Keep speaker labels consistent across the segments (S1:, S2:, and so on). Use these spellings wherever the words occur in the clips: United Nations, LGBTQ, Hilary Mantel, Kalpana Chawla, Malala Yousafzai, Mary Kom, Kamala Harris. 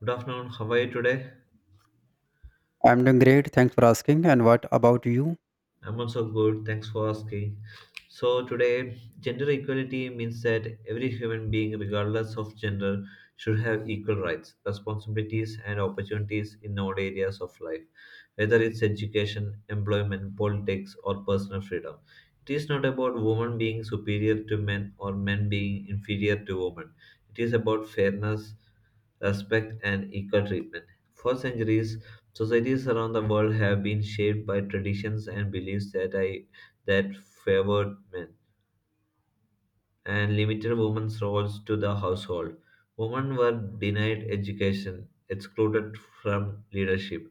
S1: Good afternoon. How are you today?
S2: I'm doing great. Thanks for asking. And what about you?
S1: I'm also good. Thanks for asking. So, today, gender equality means that every human being, regardless of gender, should have equal rights, responsibilities, and opportunities in all areas of life, whether it's education, employment, politics, or personal freedom. It is not about women being superior to men or men being inferior to women. It is about fairness, respect, and equal treatment. For centuries, societies around the world have been shaped by traditions and beliefs that I that favored men and limited women's roles to the household. Women were denied education, excluded from leadership,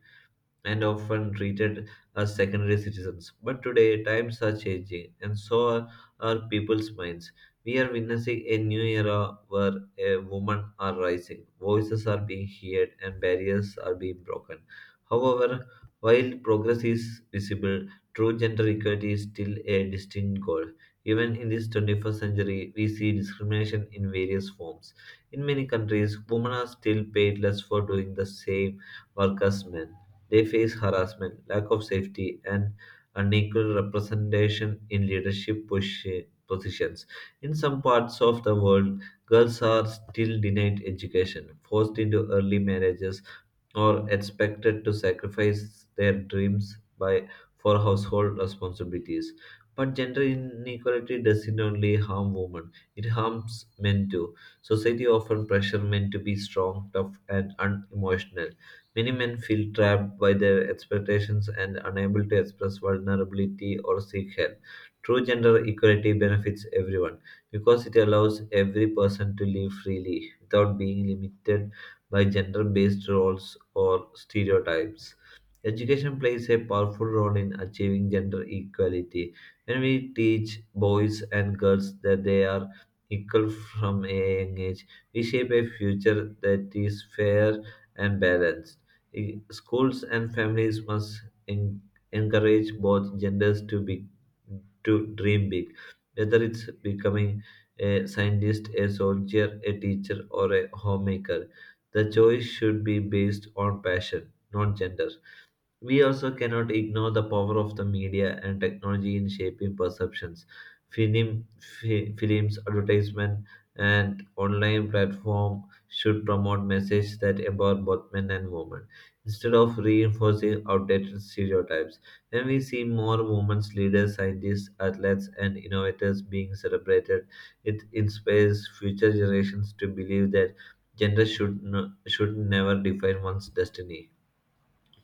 S1: and often treated as secondary citizens. But today, times are changing, and so are our people's minds. We are witnessing a new era where a women are rising, voices are being heard, and barriers are being broken. However, while progress is visible, true gender equality is still a distinct goal. Even in this 21st century, we see discrimination in various forms. In many countries, women are still paid less for doing the same work as men, they face harassment, lack of safety, and unequal representation in leadership positions. In some parts of the world, girls are still denied education, forced into early marriages, or expected to sacrifice their dreams by for household responsibilities. But gender inequality doesn't only harm women, it harms men too. Society often pressures men to be strong, tough, and unemotional. Many men feel trapped by their expectations and unable to express vulnerability or seek help. True gender equality benefits everyone because it allows every person to live freely without being limited by gender based roles or stereotypes. Education plays a powerful role in achieving gender equality. When we teach boys and girls that they are equal from a young age, we shape a future that is fair and balanced. Schools and families must en- encourage both genders to dream big, whether it's becoming a scientist, a soldier, a teacher, or a homemaker. The choice should be based on passion, not gender. We also cannot ignore the power of the media and technology in shaping perceptions. Film, Films, advertisement, and online platform should promote messages that empower both men and women instead of reinforcing outdated stereotypes. When we see more women leaders, scientists, athletes, and innovators being celebrated, it inspires future generations to believe that gender should no, should never define one's destiny.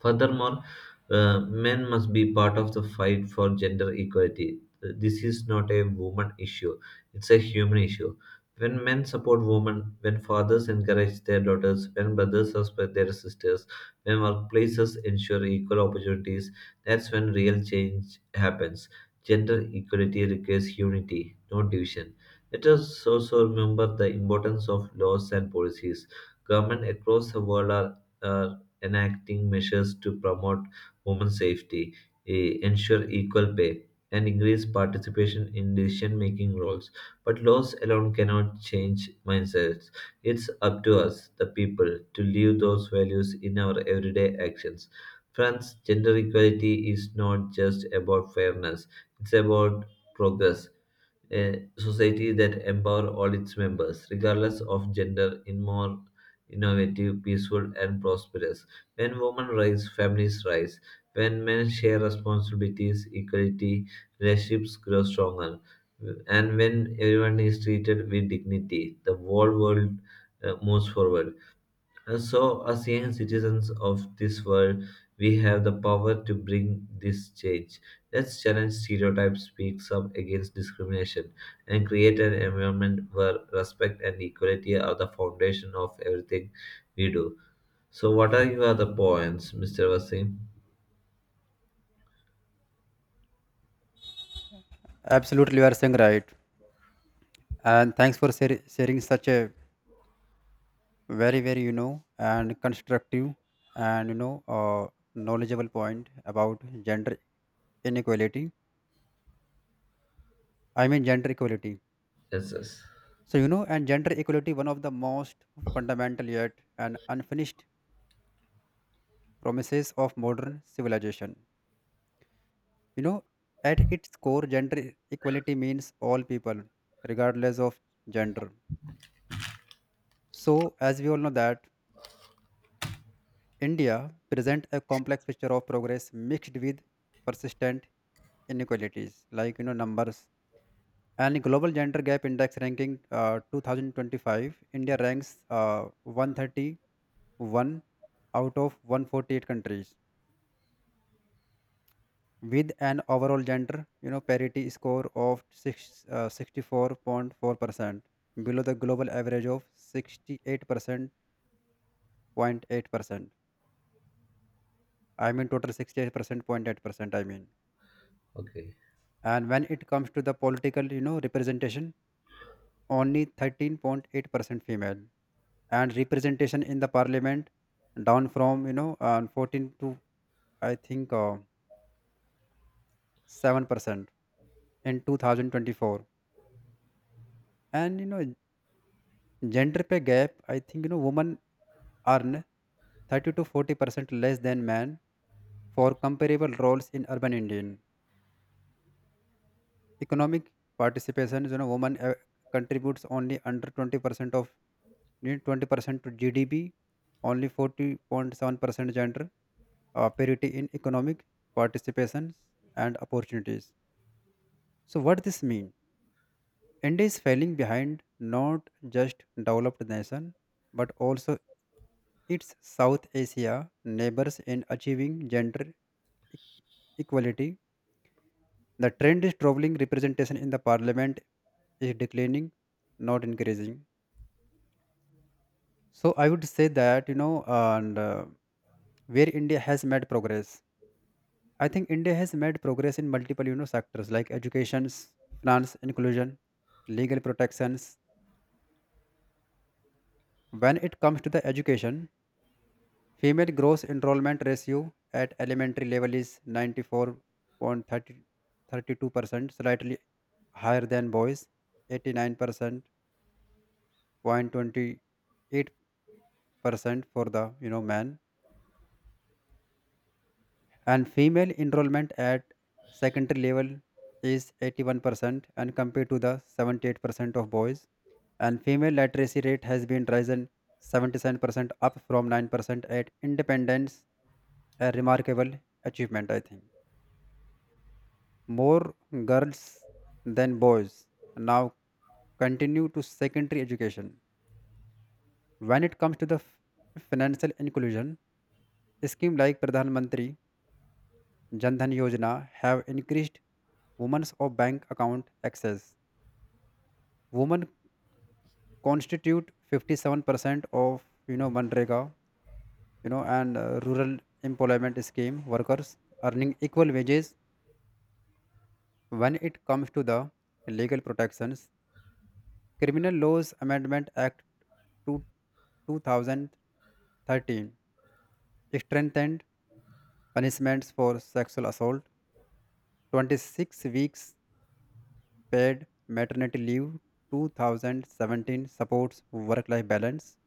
S1: Furthermore, men must be part of the fight for gender equality. This is not a woman issue, it's a human issue. When men support women, when fathers encourage their daughters, when brothers respect their sisters, when workplaces ensure equal opportunities, that's when real change happens. Gender equality requires unity, not division. Let us also remember the importance of laws and policies. Governments across the world are enacting measures to promote women's safety, ensure equal pay, and increase participation in decision making roles. But laws alone cannot change mindsets. It's up to us, the people, to live those values in our everyday actions. France, gender equality is not just about fairness, it's about progress, a society that empower all its members, regardless of gender, in more innovative, peaceful, and prosperous. When women rise, families rise. When men share responsibilities, equality, relationships grow stronger. And when everyone is treated with dignity, the whole world moves forward. And so, as young citizens of this world, we have the power to bring this change. Let's challenge stereotypes, speak up against discrimination, and create an environment where respect and equality are the foundation of everything we do. So, what are your other points, Mr. Vasim?
S2: Absolutely, you are saying right. And thanks for sharing such a very, very, and constructive and knowledgeable point about gender inequality. I mean, gender equality.
S1: Yes, yes.
S2: So, you know, and gender equality, one of the most fundamental yet and unfinished promises of modern civilization. You know, at its core, gender equality means all people, regardless of gender. So, as we all know that India present a complex picture of progress mixed with persistent inequalities, like numbers. And global gender gap index ranking 2025, India ranks 131 out of 148 countries with an overall gender parity score of 64.4%, below the global average of 68% point 0.8%. I mean total 68% point 0.8%. I mean.
S1: Okay.
S2: And when it comes to the political representation, only 13.8% female and representation in the parliament, down from 14 to I think 7% in 2024. And gender pay gap, I think women earn 30 to 40% less than men for comparable roles in urban indian. Economic participation is, women contributes only under 20% of need 20% to GDP, only 40.7% gender parity in economic participation and opportunities. So what this mean? India is falling behind, not just developed nation but also its South Asia neighbors in achieving gender e- equality. The trend is traveling representation in the parliament is declining, not increasing. So I would say that you know, and where India has made progress, I think India has made progress in multiple sectors like education, finance, inclusion, legal protections. When it comes to the education, female gross enrollment ratio at elementary level is 94.32%, slightly higher than boys, 89%, 0.28% for the men, and female enrollment at secondary level is 81% and compared to the 78% of boys, and female literacy rate has been risen 77% up from 9% at independence, a remarkable achievement. I think more girls than boys now continue to secondary education. When it comes to the financial inclusion, scheme like pradhan mantri Jan Dhan Yojana have increased women's of bank account access. Women constitute 57% of Manrega, you know, and rural employment scheme workers earning equal wages. When it comes to the legal protections, Criminal Laws Amendment Act 2, 2013 strengthened punishments for sexual assault, 26 weeks paid maternity leave, 2017 supports work life balance.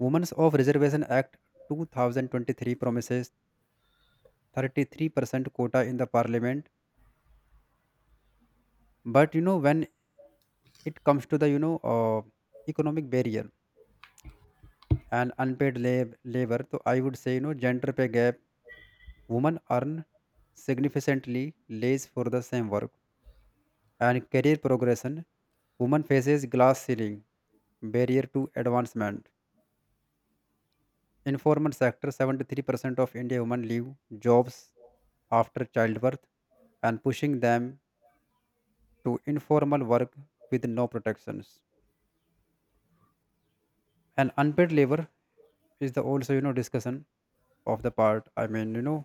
S2: Women's of Reservation Act 2023 promises 33% quota in the parliament. But when it comes to the economic barrier and unpaid labor, so I would say, gender pay gap, women earn significantly less for the same work, and career progression, women faces glass ceiling barrier to advancement. Informal sector, 73% of India women leave jobs after childbirth and pushing them to informal work with no protections. And unpaid labor is the also discussion of the part. I mean,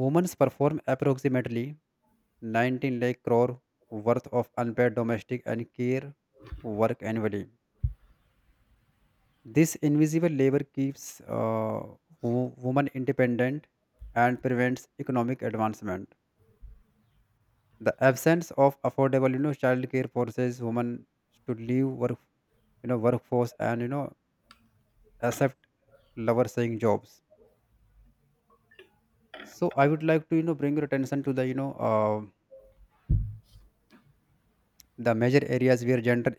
S2: women's perform approximately 19 lakh crore worth of unpaid domestic and care work annually. This invisible labor keeps women independent and prevents economic advancement. The absence of affordable childcare forces women to leave work, workforce, and accept lower saying jobs. So I would like to bring your attention to the you know the major areas where gender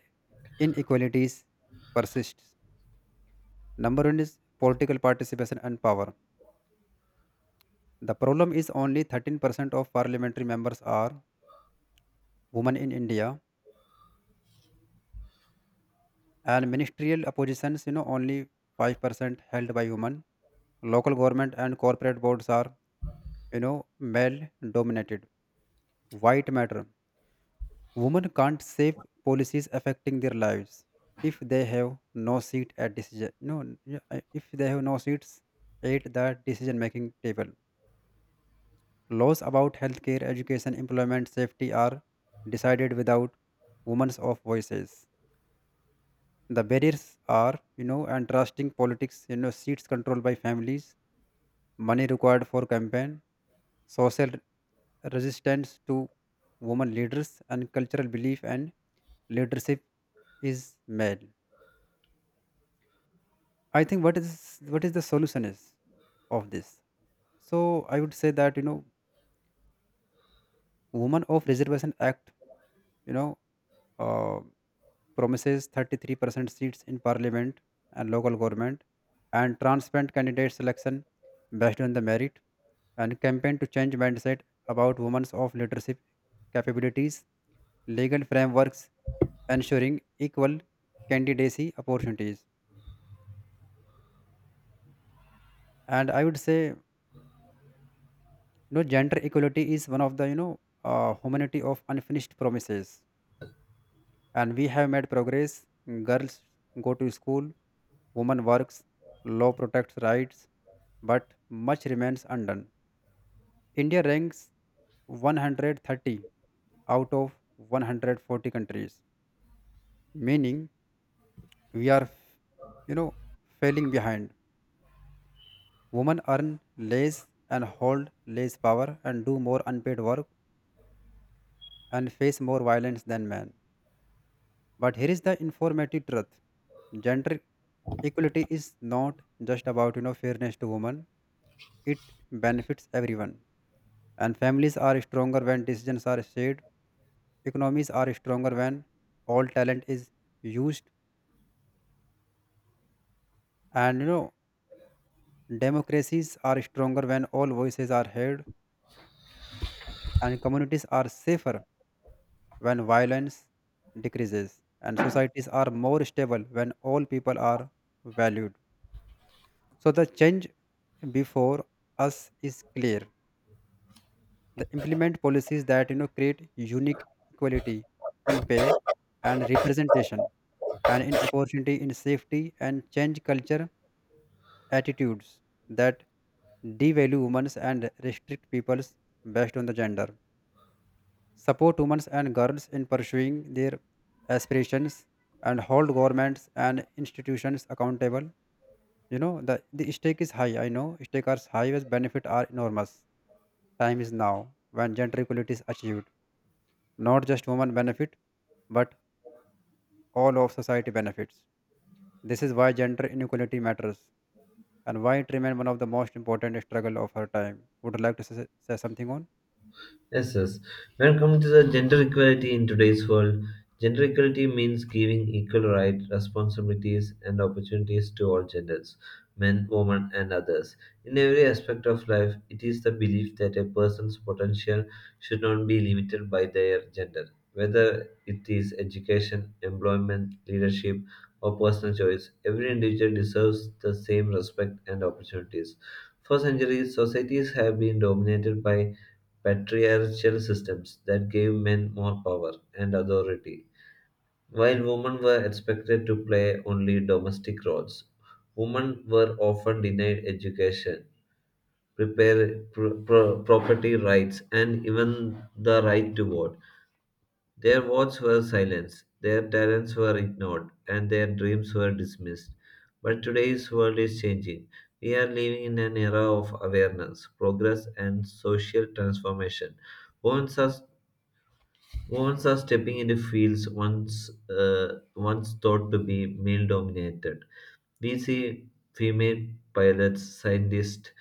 S2: inequalities persists. Number one is political participation and power. The problem is only 13% of parliamentary members are women in india, and ministerial oppositions, only 5% held by women. Local government and corporate boards are you know male dominated. White matter, women can't shape policies affecting their lives if they have no seat at decision. No. Yeah, if they have no seats at the decision making table, laws about healthcare, education, employment, safety are decided without women's of voices. The barriers are and trusting politics, seats controlled by families, money required for campaign, social resistance to women leaders, and cultural belief and leadership is male. I think what is the solution is of this. So I would say that, women of reservation act, you know, uh, promises 33% seats in parliament and local government, and transparent candidate selection based on the merit, and campaign to change mindset about women's of leadership capabilities, legal frameworks ensuring equal candidacy opportunities. And I would say, gender equality is one of the humanity of unfinished promises, and we have made progress. Girls go to school, women works, law protects rights, but much remains undone. India ranks 130 out of 140 countries, meaning we are, you know, falling behind. Women earn less and hold less power and do more unpaid work and face more violence than men. But here is the informative truth: gender equality is not just about fairness to women; it benefits everyone. And families are stronger when decisions are shared. Economies are stronger when all talent is used. And, democracies are stronger when all voices are heard. And communities are safer when violence decreases. And societies are more stable when all people are valued. So the change before us is clear. The implement policies that create unique equality in pay and representation and in opportunity, in safety, and change culture attitudes that devalue women and restrict peoples based on the gender, support women and girls in pursuing their aspirations, and hold governments and institutions accountable. The stake is high. I know stake are high as benefit are enormous. Time is now. When gender equality is achieved, not just women benefit, but all of society benefits. This is why gender inequality matters, and why it remained one of the most important struggle of her time. Would you like to say something on?
S1: Yes, yes. When coming to the gender equality in today's world, gender equality means giving equal rights, responsibilities, and opportunities to all genders, men, women, and others. In every aspect of life, it is the belief that a person's potential should not be limited by their gender, whether it is education, employment, leadership, or personal choice. Every individual deserves the same respect and opportunities. For centuries, societies have been dominated by patriarchal systems that gave men more power and authority. While women were expected to play only domestic roles, women were often denied education, property rights, and even the right to vote. Their votes were silenced, their talents were ignored, and their dreams were dismissed. But today's world is changing. We are living in an era of awareness, progress, and social transformation. Women are Women are stepping into fields once thought to be male dominated. We see female pilots, scientists,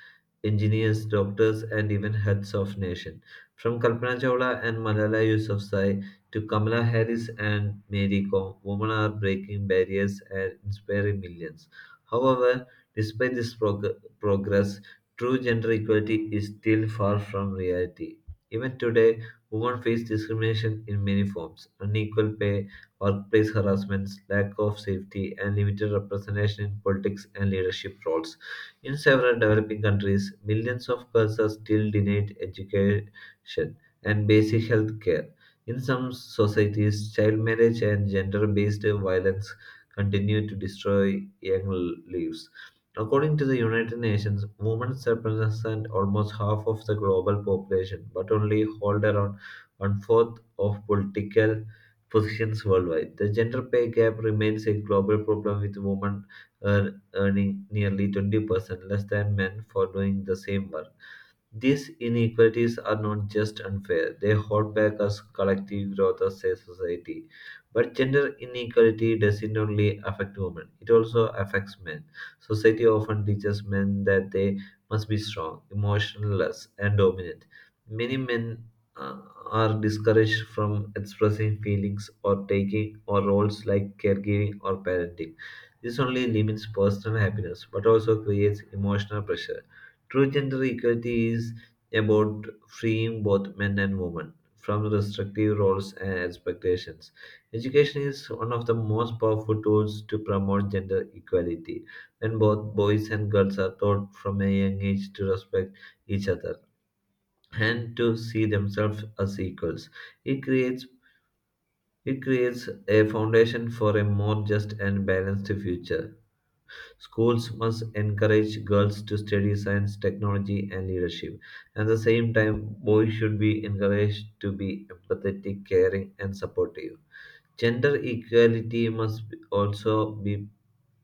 S1: engineers, doctors, and even heads of nation. From Kalpana Chawla and Malala Yousafzai to Kamala Harris and Mary Kom, women are breaking barriers and inspiring millions. However, despite this progress, true gender equality is still far from reality. Even today, women face discrimination in many forms: unequal pay, workplace harassments, lack of safety, and limited representation in politics and leadership roles. In several developing countries, millions of girls are still denied education and basic health care. In some societies, child marriage and gender based violence continue to destroy young lives. According to the United Nations, women represent almost half of the global population, but only hold around one fourth of political positions worldwide. The gender pay gap remains a global problem, with women earning nearly 20% less than men for doing the same work. These inequalities are not just unfair, they hold back us collective growth as a society. But gender inequality doesn't only affect women, it also affects men. Society often teaches men that they must be strong, emotionless, and dominant. Many men uh, are discouraged from expressing feelings or taking or roles like caregiving or parenting. This only limits personal happiness but also creates emotional pressure. True gender equality is about freeing both men and women from restrictive roles and expectations. Education is one of the most powerful tools to promote gender equality when both boys and girls are taught from a young age to respect each other and to see themselves as equals. It creates it creates a foundation for a more just and balanced future. Schools must encourage girls to study science, technology, and leadership. At the same time, boys should be encouraged to be empathetic, caring, and supportive. Gender equality must also be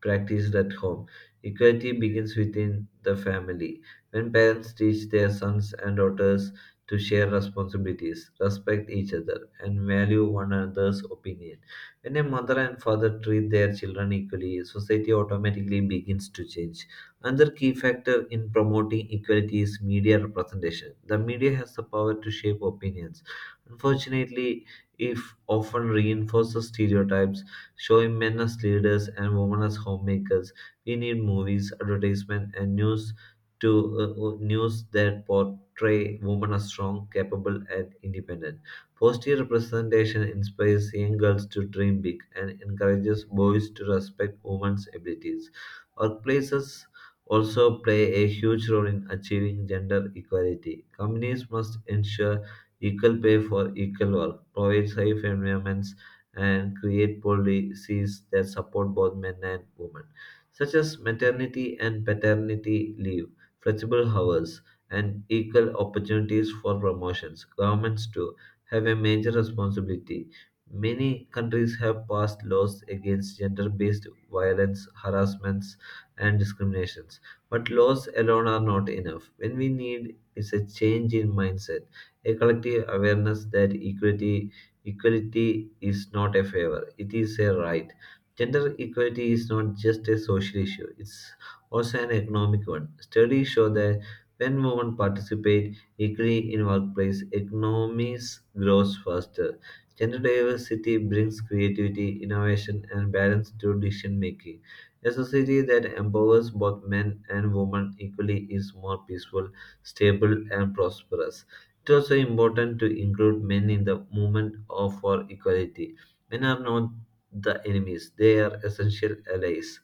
S1: practiced at home. Equality begins within the family. When parents teach their sons and daughters to share responsibilities, respect each other, and value one another's opinion, when a mother and father treat their children equally, society automatically begins to change. Another key factor in promoting equality is media representation. The media has the power to shape opinions. Unfortunately, if often reinforces stereotypes showing men as leaders and women as homemakers. We need movies, advertisement, and news that portray women as strong, capable, and independent. Positive representation inspires young girls to dream big and encourages boys to respect women's abilities. Workplaces also play a huge role in achieving gender equality. Companies must ensure equal pay for equal work, provide safe environments and create policies that support both men and women, such as maternity and paternity leave, flexible hours, and equal opportunities for promotions. Governments, too, have a major responsibility. Many countries have passed laws against gender based violence, harassments, and discriminations. But laws alone are not enough. When we need is a change in mindset, a collective awareness that equality is not a favor, it is a right. Gender equality is not just a social issue, it's also an economic one. Studies show that when women participate equally in workplace, economies grows faster. Gender diversity brings creativity, innovation, and balance to decision making. A society that empowers both men and women equally is more peaceful, stable, and prosperous. It is also important to include men in the movement of for equality. Men are not the enemies; they are essential allies.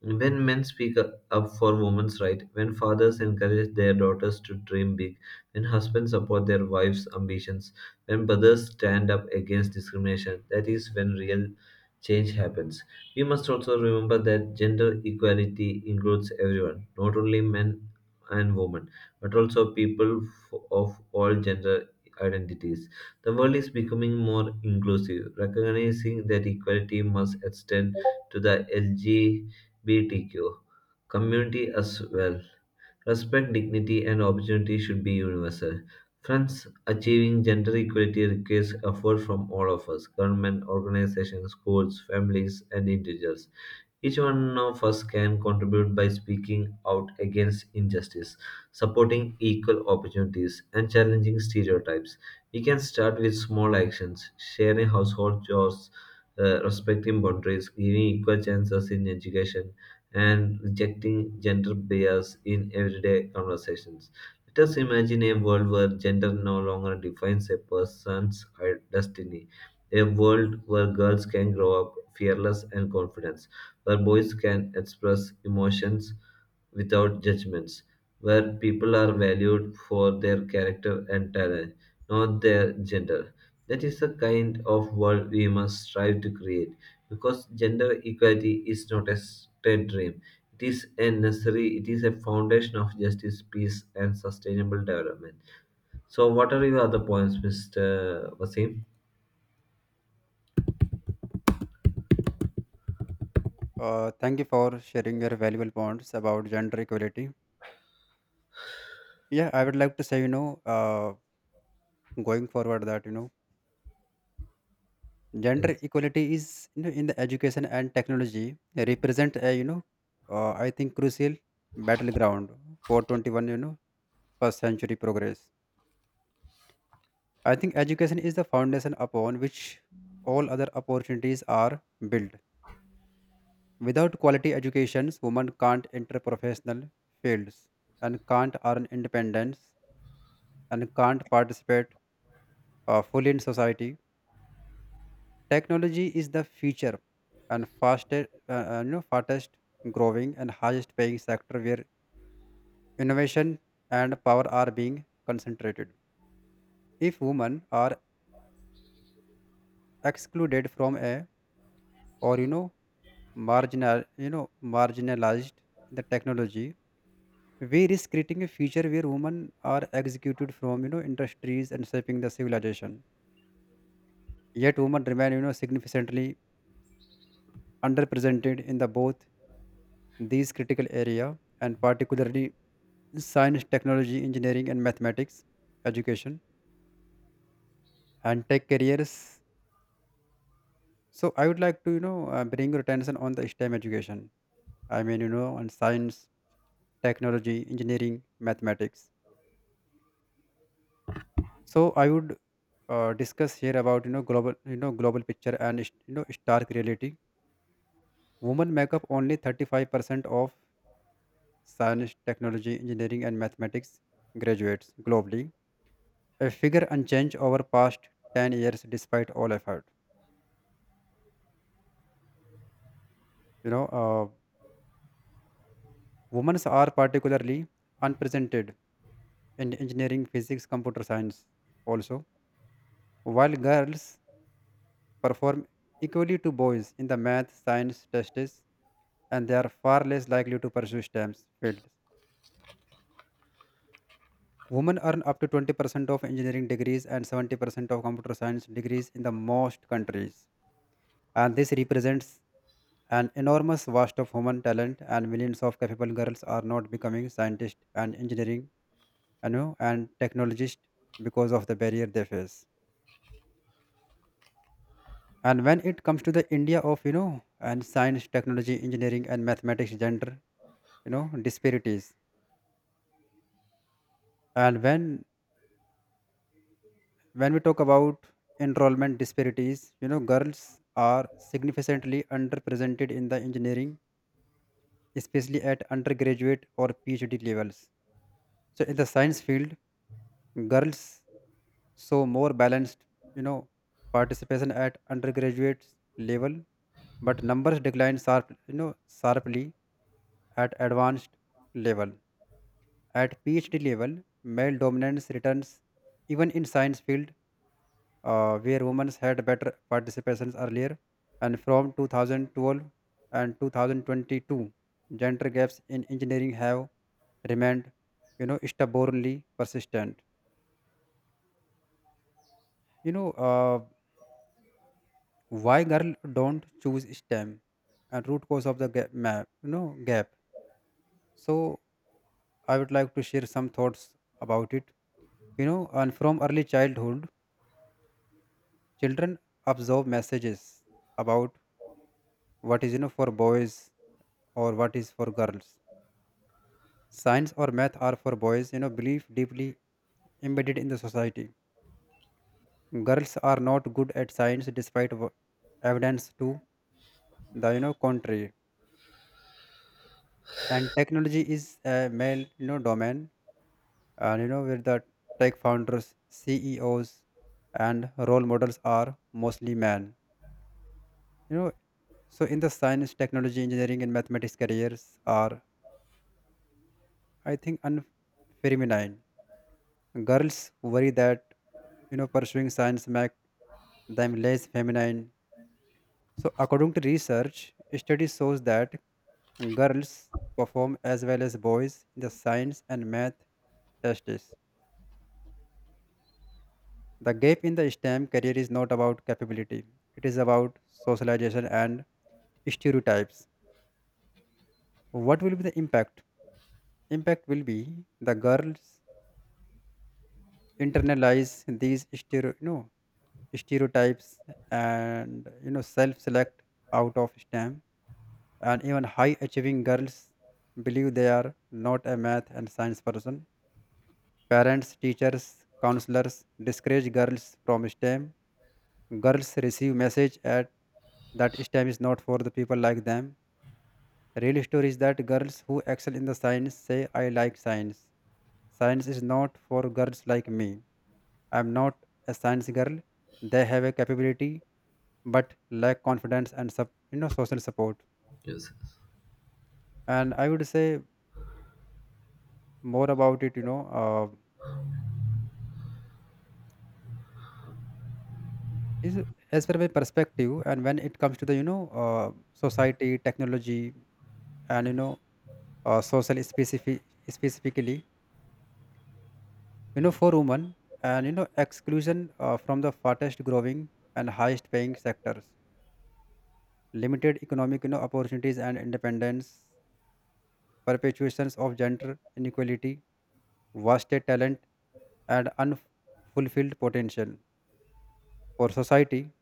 S1: When men speak up for women's rights, when fathers encourage their daughters to dream big, when husbands support their wives' ambitions, when brothers stand up against discrimination, that is when real change happens. We must also remember that gender equality includes everyone, not only men and women, but also people of all gender identities. The world is becoming more inclusive, recognizing that equality must extend to the L G. LGBTQ community as well. Respect, dignity, and opportunity should be universal. Friends, achieving gender equality requires effort from all of us: government, organizations, schools, families, and individuals. Each one of us can contribute by speaking out against injustice, supporting equal opportunities, and challenging stereotypes. We can start with small actions, sharing household chores, respecting boundaries, giving equal chances in education, and rejecting gender bias in everyday conversations. Let us imagine a world where gender no longer defines a person's destiny, a world where girls can grow up fearless and confident, where boys can express emotions without judgments, where people are valued for their character and talent, not their gender. That is the kind of world we must strive to create because gender equality is not a state dream. It is a necessary, it is a foundation of justice, peace, and sustainable development. So, what are your other points, Mr. Wasim?
S2: Thank you for sharing your valuable points about gender equality. Yeah, I would like to say, going forward that, gender
S1: Yes.
S2: equality is, in the education and technology, represent a, I think, crucial battleground for 21, first century progress. I think education is the foundation upon which all other opportunities are built. Without quality educations, women can't enter professional fields and can't earn independence and can't participate fully in society. Technology is the future and fastest, fastest growing and highest paying sector where innovation and power are being concentrated. If women are excluded from a or you know marginal you know marginalized in the technology, we risk creating a future where women are executed from industries and shaping the civilization. Yet women remain significantly underrepresented in the both these critical area, and particularly science, technology, engineering and mathematics education and tech careers. So I would like to bring your attention on the stem education. I mean, on science, technology, engineering, mathematics. So I would discuss here about global picture and stark reality. Women make up only 35% of science, technology, engineering, and mathematics graduates globally. A figure unchanged over past 10 years, despite all effort. You know, uh, Women are particularly unpresented in engineering, physics, computer science. Also, while girls perform equally to boys in the math, science tests, and they are far less likely to pursue STEM fields. Women earn up to 20% of engineering degrees and 70% of computer science degrees in the most countries. And this represents an enormous vast of human talent, and millions of capable girls are not becoming scientists and engineering, and technologists, because of the barrier they face. And when it comes to the India of, you know, and science, technology, engineering and mathematics gender, disparities. And when we talk about enrollment disparities, girls are significantly underrepresented in the engineering, especially at undergraduate or phd levels. So in the science field, girls show more balanced you know participation at undergraduate level, but numbers decline sharply at advanced level. At phd level, male dominance returns even in science field, where women had better participations earlier. And from 2012 and 2022, gender gaps in engineering have remained, stubbornly persistent. You know, uh, why girl don't choose STEM, and root cause of the gap, map, you know, gap. So I would like to share some thoughts about it. You know, and from early childhood, children absorb messages about what is, for boys or what is for girls. Science or math are for boys, belief deeply embedded in the society. Girls are not good at science despite evidence to the, contrary. And technology is a male, domain. And, where the tech founders, CEOs, and role models are mostly men. You know, so in the science, technology, engineering, and mathematics careers are, I think, unfeminine. Girls worry that pursuing science make them less feminine. So according to research, study shows that girls perform as well as boys in the science and math tests. The gap in the STEM career is not about capability; it is about socialization and stereotypes. What will be the impact? Impact will be the girls internalize these stereo. No, stereotypes, and self select out of STEM, and even high achieving girls believe they are not a math and science person. Parents, teachers, counselors discourage girls from STEM. Girls receive message at that STEM is not for the people like them. Real story is that girls who excel in the science say, I like science. Science is not for girls like me. I am not a science girl. They have a capability, but lack confidence and social support.
S1: Yes.
S2: And I would say more about it, is as per my perspective. And when it comes to the, society, technology, and, social, specifically, for women, and, exclusion from the fastest growing and highest paying sectors, limited economic opportunities and independence, perpetuations of gender inequality, wasted talent, and unfulfilled potential. For society,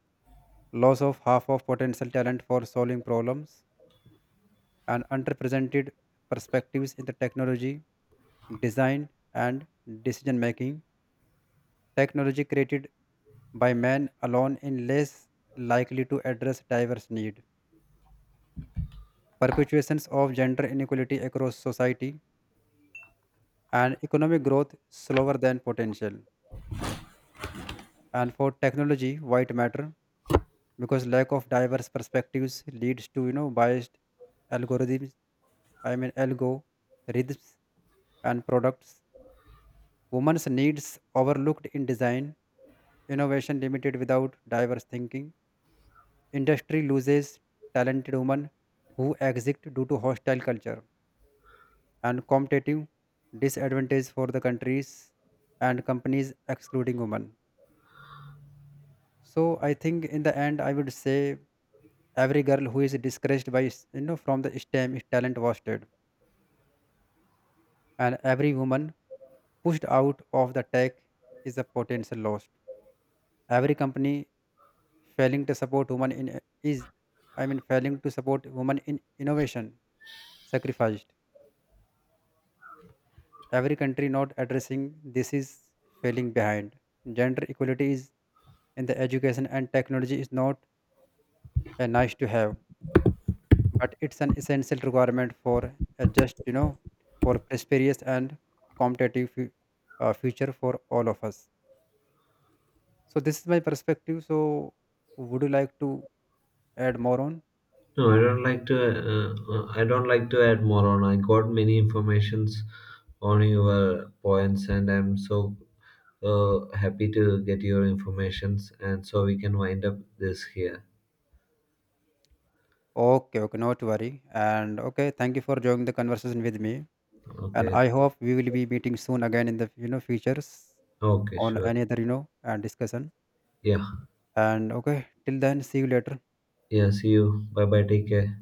S2: loss of half of potential talent for solving problems, and underrepresented perspectives in the technology, design, and decision making. Technology created by man alone is less likely to address diverse needs. Perpetuations of gender inequality across society, and economic growth slower than potential. And for technology, white matter, because lack of diverse perspectives leads to biased algorithms. I mean, algorithms and products. Women's needs overlooked in design, innovation limited without diverse thinking. Industry loses talented women who exit due to hostile culture, and competitive disadvantage for the countries and companies excluding women. So I think, in the end, I would say, every girl who is discouraged by from the STEM is talent wasted. And every woman pushed out of the tech is a potential lost. Every company failing to support women in is, failing to support women in innovation, sacrificed. Every country not addressing this is failing behind. Gender equality is in the education and technology is not a nice to have, but it's an essential requirement for a just, for prosperous and competitive future for all of us. So this is my perspective. So would you like to add more on?
S1: No, I don't like to. I don't like to add more on. I got many informations on your points, and I'm so happy to get your informations, and so we can wind up this here.
S2: Okay, okay, not to worry. And okay, thank you for joining the conversation with me. And
S1: Okay.
S2: I hope we will be meeting soon again in the futures
S1: Okay.
S2: on
S1: Sure.
S2: any other you know and discussion.
S1: Yeah.
S2: And okay, till then, see you later.
S1: Yeah. See you. Bye. Bye. Take care.